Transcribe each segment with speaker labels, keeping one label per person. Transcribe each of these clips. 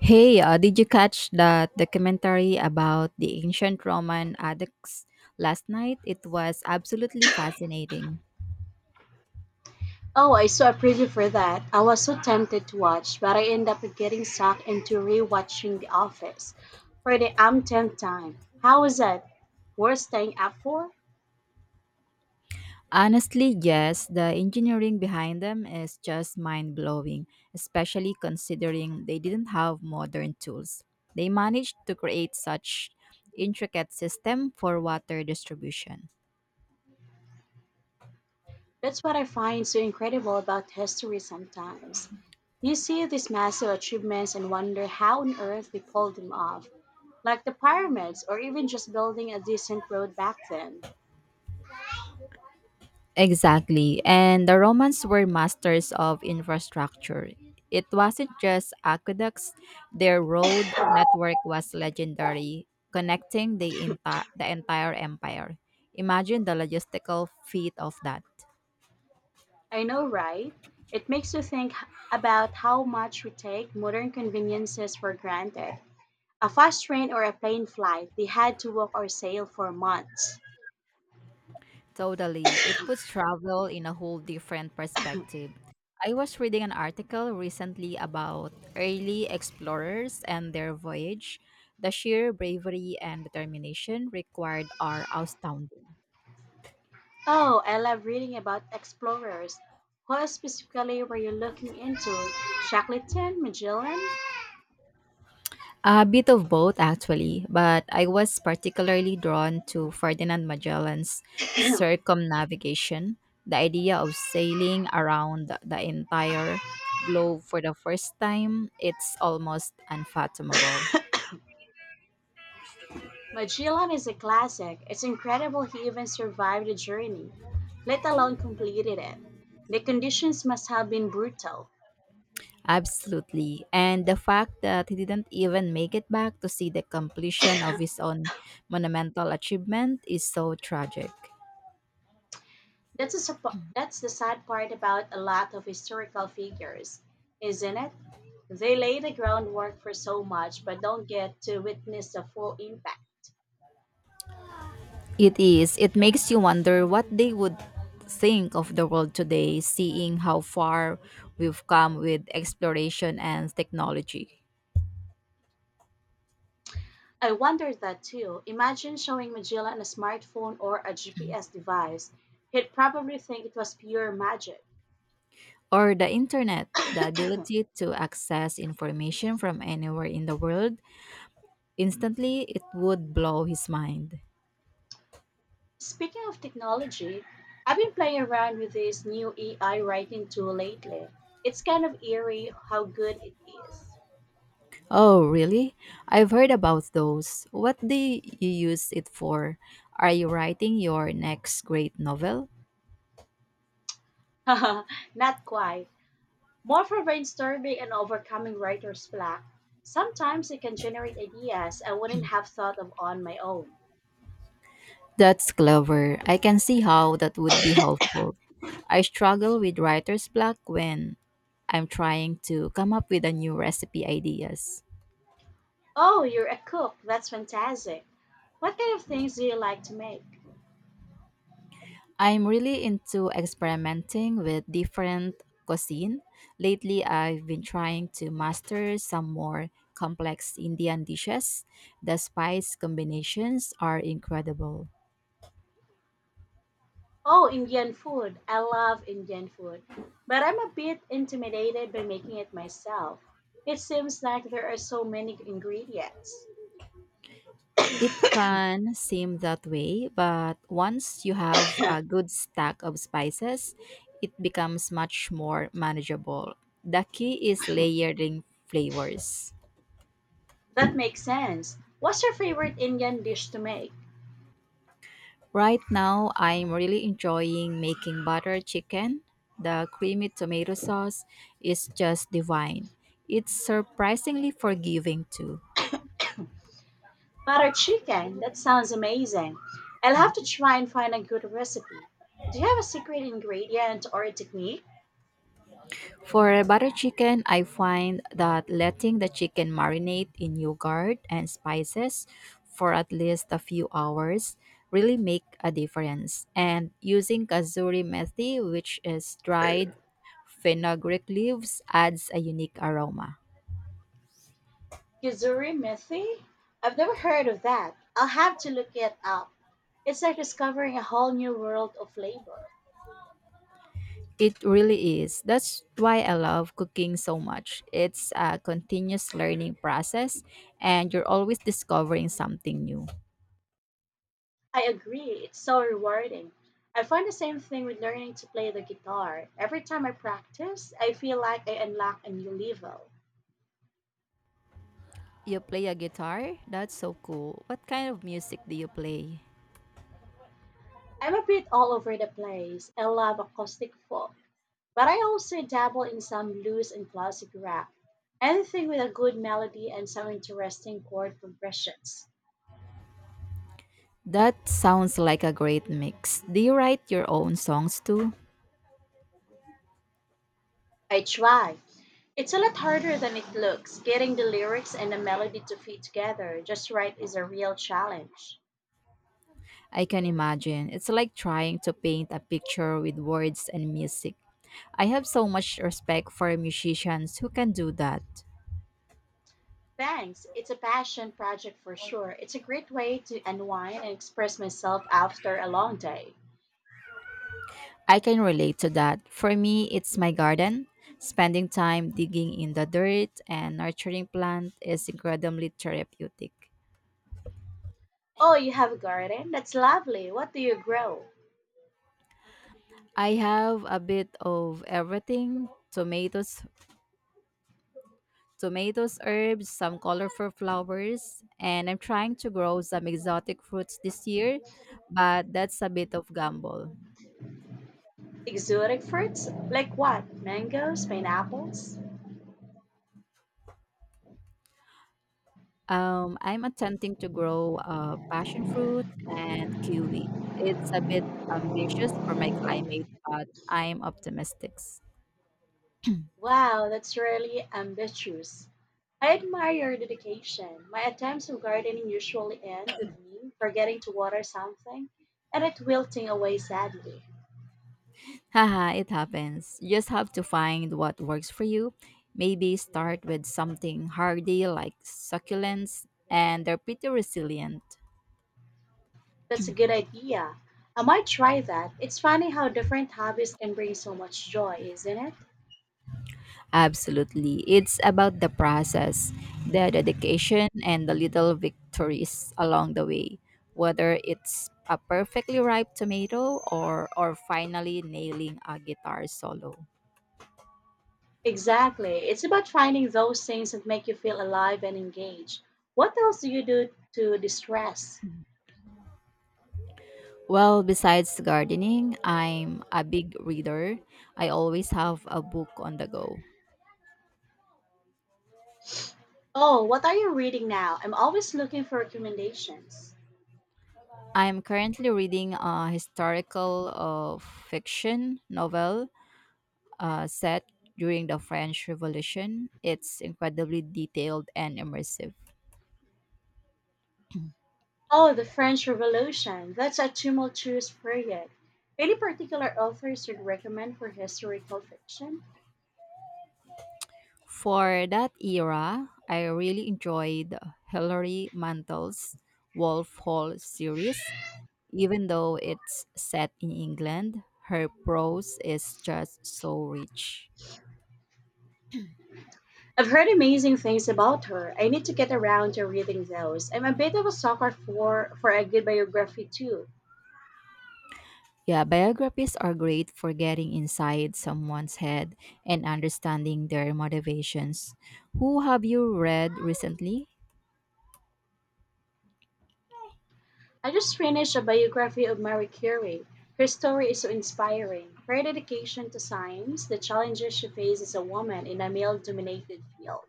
Speaker 1: Hey, did you catch that documentary about the ancient Roman aqueducts last night? It was absolutely fascinating.
Speaker 2: Oh, I saw a preview for that. I was so tempted to watch, but I ended up getting sucked into rewatching The Office for the umpteenth time. How is that? Worth staying up for?
Speaker 1: Honestly, yes, the engineering behind them is just mind blowing, especially considering they didn't have modern tools. They managed to create such intricate system for water distribution.
Speaker 2: That's what I find so incredible about history sometimes. You see these massive achievements and wonder how on earth they pulled them off, like the pyramids or even just building a decent road back then.
Speaker 1: Exactly. And the Romans were masters of infrastructure. It wasn't just aqueducts, their road network was legendary, connecting the entire empire. Imagine the logistical feat of that.
Speaker 2: I know, right? It makes you about how much we take modern conveniences for granted. A fast train or a plane flight, they had to walk or sail for months.
Speaker 1: Totally. It puts travel in a whole different perspective. I was reading an article recently about early explorers and their voyage. The sheer bravery and determination required are astounding.
Speaker 2: Oh, I love reading about explorers. What specifically were you looking into? Shackleton? Magellan?
Speaker 1: A bit of both, actually, but I was particularly drawn to Ferdinand Magellan's circumnavigation, the idea of sailing around the entire globe for the first time. It's almost unfathomable.
Speaker 2: Magellan is a classic. It's incredible he even survived the journey, let alone completed it. The conditions must have been brutal.
Speaker 1: Absolutely. And the fact that he didn't even make it back to see the completion of his own monumental achievement is so tragic.
Speaker 2: That's the sad part about a lot of historical figures, isn't it? They lay the groundwork for so much but don't get to witness the full impact.
Speaker 1: It is. It makes you wonder what they would think of the world today, seeing how far we've come with exploration and technology.
Speaker 2: I wonder that too. Imagine showing Magellan a smartphone or a GPS device. He'd probably think it was pure magic.
Speaker 1: Or the internet, the ability to access information from anywhere in the world instantly, it would blow his mind.
Speaker 2: Speaking of technology, I've been playing around with this new AI writing tool lately. It's kind of eerie how good it is.
Speaker 1: Oh, really? I've heard about those. What do you use it for? Are you writing your next great novel?
Speaker 2: Not quite. More for brainstorming and overcoming writer's block. Sometimes it can generate ideas I wouldn't have thought of on my own.
Speaker 1: That's clever. I can see how that would be helpful. I struggle with writer's block when I'm trying to come up with a new recipe ideas.
Speaker 2: Oh, you're a cook. That's fantastic. What kind of things do you like to make?
Speaker 1: I'm really into experimenting with different cuisine. Lately, I've been trying to master some more complex Indian dishes. The spice combinations are incredible.
Speaker 2: Oh, Indian food. I love Indian food. But I'm a bit intimidated by making it myself. It seems like there are so many ingredients.
Speaker 1: It can seem that way, but once you have a good stack of spices, it becomes much more manageable. The key is layering flavors.
Speaker 2: That makes sense. What's your favorite Indian dish to make?
Speaker 1: Right now, I'm really enjoying making butter chicken. The creamy tomato sauce is just divine. It's surprisingly forgiving too.
Speaker 2: Butter chicken. That sounds amazing. I'll have to try and find a good recipe. Do you have a secret ingredient or a technique?
Speaker 1: For butter chicken, I find that letting the chicken marinate in yogurt and spices for at least a few hours really make a difference. And using kasuri methi, which is dried fenugreek leaves, adds a unique aroma.
Speaker 2: Gizuri methi? I've never heard of that. I'll have to look it up. It's like discovering a whole new world of flavor.
Speaker 1: It really is. That's why I love cooking so much. It's a continuous learning process and you're always discovering something new.
Speaker 2: I agree. It's so rewarding. I find the same thing with learning to play the guitar. Every time I practice, I feel like I unlock a new level.
Speaker 1: You play a guitar? That's so cool. What kind of music do you play?
Speaker 2: I'm a bit all over the place. I love acoustic folk, but I also dabble in some blues and classic rap. Anything with a good melody and some interesting chord progressions.
Speaker 1: That sounds like a great mix. Do you write your own songs too?
Speaker 2: I try. It's a lot harder than it looks. Getting the lyrics and the melody to fit together just right is a real challenge.
Speaker 1: I can imagine. It's like trying to paint a picture with words and music. I have so much respect for musicians who can do that.
Speaker 2: Thanks. It's a passion project for sure. It's a great way to unwind and express myself after a long day.
Speaker 1: I can relate to that. For me, it's my garden. Spending time digging in the dirt and nurturing plant is incredibly therapeutic.
Speaker 2: Oh, you have a garden? That's lovely. What do you grow?
Speaker 1: I have a bit of everything tomatoes, herbs, some colorful flowers, and I'm trying to grow some exotic fruits this year, but that's a bit of gamble.
Speaker 2: Exotic fruits? Like what? Mangoes? Pineapples?
Speaker 1: I'm attempting to grow passion fruit and kiwi. It's a bit ambitious for my climate, but I'm optimistic.
Speaker 2: Wow, that's really ambitious. I admire your dedication. My attempts of gardening usually end with me forgetting to water something and it wilting away sadly.
Speaker 1: Haha, it happens. You just have to find what works for you. Maybe start with something hardy like succulents, and they're pretty resilient.
Speaker 2: That's a good idea. I might try that. It's funny how different hobbies can bring so much joy, isn't it?
Speaker 1: Absolutely. It's about the process, the dedication, and the little victories along the way, whether it's a perfectly ripe tomato or finally nailing a guitar solo.
Speaker 2: Exactly. It's about finding those things that make you feel alive and engaged. What else do you do to distress?
Speaker 1: Well, besides gardening, I'm a big reader. I always have a book on the go.
Speaker 2: Oh, what are you reading now? I'm always looking for recommendations.
Speaker 1: I'm currently reading a historical fiction novel set during the French Revolution. It's incredibly detailed and immersive.
Speaker 2: Oh, the French Revolution. That's a tumultuous period. Any particular authors you'd recommend for historical fiction?
Speaker 1: For that era, I really enjoyed Hilary Mantel's Wolf Hall series. Even though it's set in England, her prose is just so rich.
Speaker 2: I've heard amazing things about her. I need to get around to reading those. I'm a bit of a sucker for a good biography, too.
Speaker 1: Yeah, biographies are great for getting inside someone's head and understanding their motivations. Who have you read recently?
Speaker 2: I just finished a biography of Marie Curie. Her story is so inspiring. Her dedication to science, the challenges she faced as a woman in a male dominated field.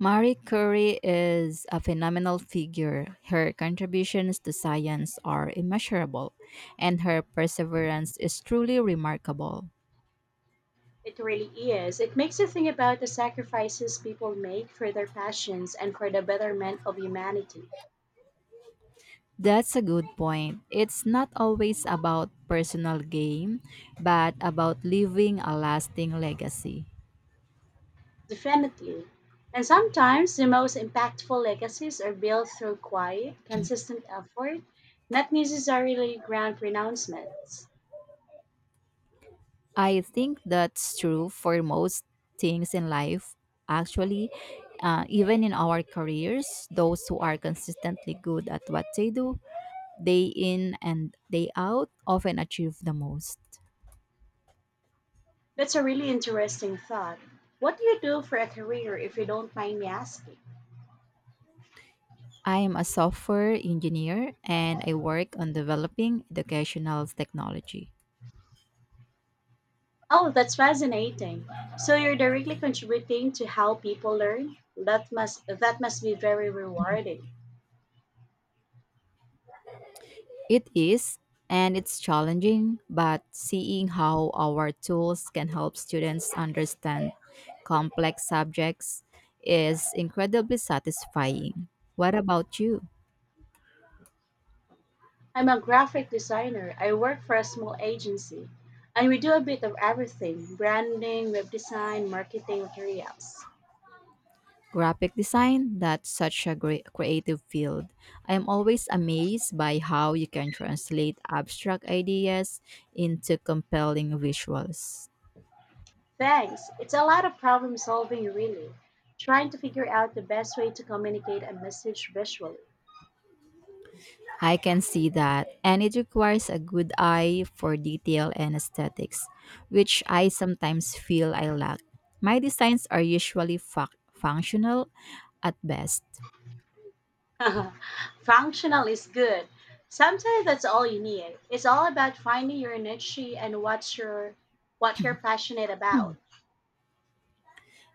Speaker 1: Marie Curie is a phenomenal figure. Her contributions to science are immeasurable, and her perseverance is truly remarkable.
Speaker 2: It really is. It makes you think about the sacrifices people make for their passions and for the betterment of humanity.
Speaker 1: That's a good point. It's not always about personal gain, but about leaving a lasting legacy.
Speaker 2: Definitely. And sometimes the most impactful legacies are built through quiet, consistent effort, not necessarily grand pronouncements.
Speaker 1: I think that's true for most things in life. Actually, even in our careers, those who are consistently good at what they do day in and day out often achieve the most.
Speaker 2: That's a really interesting thought. What do you do for a career if you don't mind me asking?
Speaker 1: I am a software engineer and I work on developing educational technology.
Speaker 2: Oh, that's fascinating. So you're directly contributing to how people learn? That must be very rewarding.
Speaker 1: It is and it's challenging, but seeing how our tools can help students understand complex subjects is incredibly satisfying. What about you?
Speaker 2: I'm a graphic designer. I work for a small agency and we do a bit of everything: branding, web design, marketing, materials.
Speaker 1: Graphic design, that's such a great creative field. I am always amazed by how you can translate abstract ideas into compelling visuals.
Speaker 2: Thanks. It's a lot of problem solving, really, trying to figure out the best way to communicate a message visually.
Speaker 1: I can see that, and it requires a good eye for detail and aesthetics, which I sometimes feel I lack. My designs are usually functional at best.
Speaker 2: Functional is good. Sometimes that's all you need. It's all about finding your niche and what you're passionate about.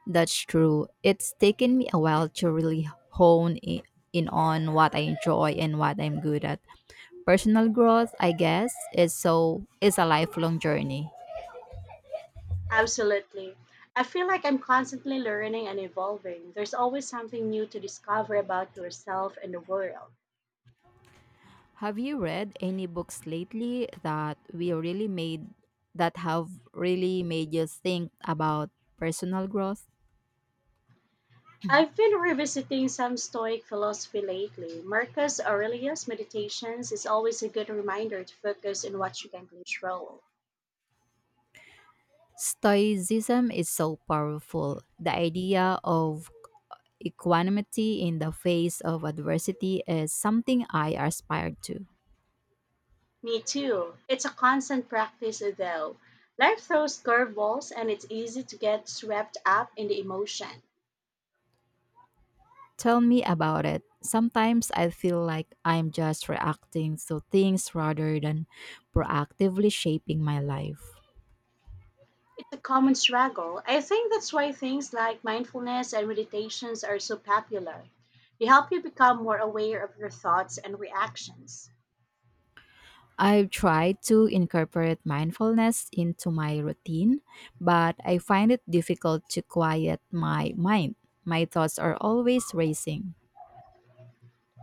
Speaker 1: That's true. It's taken me a while to really in on what I enjoy and what I'm good at. Personal growth, I guess, is a lifelong journey.
Speaker 2: Absolutely. I feel like I'm constantly learning and evolving. There's always something new to discover about yourself and the world.
Speaker 1: Have you read any books lately that have really made you think about personal growth?
Speaker 2: I've been revisiting some Stoic philosophy lately. Marcus Aurelius' meditations is always a good reminder to focus on what you can control.
Speaker 1: Stoicism is so powerful. The idea of equanimity in the face of adversity is something I aspire to.
Speaker 2: Me too. It's a constant practice, though. Life throws curveballs, and it's easy to get swept up in the emotion.
Speaker 1: Tell me about it. Sometimes I feel like I'm just reacting to things rather than proactively shaping my life.
Speaker 2: It's a common struggle. I think that's why things like mindfulness and meditations are so popular. They help you become more aware of your thoughts and reactions.
Speaker 1: I've tried to incorporate mindfulness into my routine, but I find it difficult to quiet my mind. My thoughts are always racing.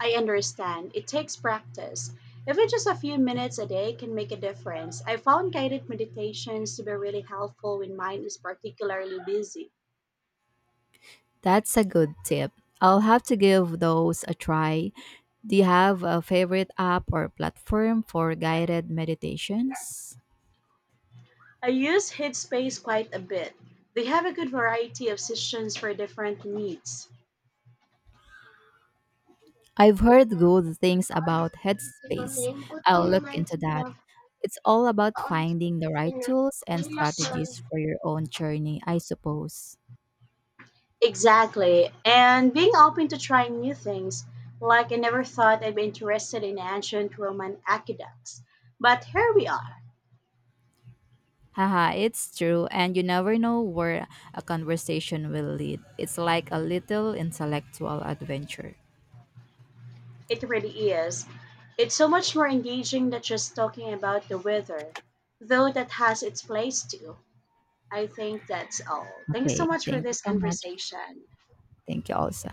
Speaker 2: I understand. It takes practice. Even just a few minutes a day can make a difference. I found guided meditations to be really helpful when mine is particularly busy.
Speaker 1: That's a good tip. I'll have to give those a try. Do you have a favorite app or platform for guided meditations?
Speaker 2: I use Headspace quite a bit. They have a good variety of sessions for different needs.
Speaker 1: I've heard good things about Headspace. I'll look into that. It's all about finding the right tools and strategies for your own journey, I suppose.
Speaker 2: Exactly. And being open to trying new things. Like, I never thought I'd be interested in ancient Roman aqueducts. But here we are.
Speaker 1: Haha, it's true, and you never know where a conversation will lead. It's like a little intellectual adventure.
Speaker 2: It really is. It's so much more engaging than just talking about the weather, though that has its place too. I think that's all. Thank you so
Speaker 1: Okay,
Speaker 2: much for
Speaker 1: thank you
Speaker 2: this
Speaker 1: so much.
Speaker 2: conversation.
Speaker 1: Thank you also.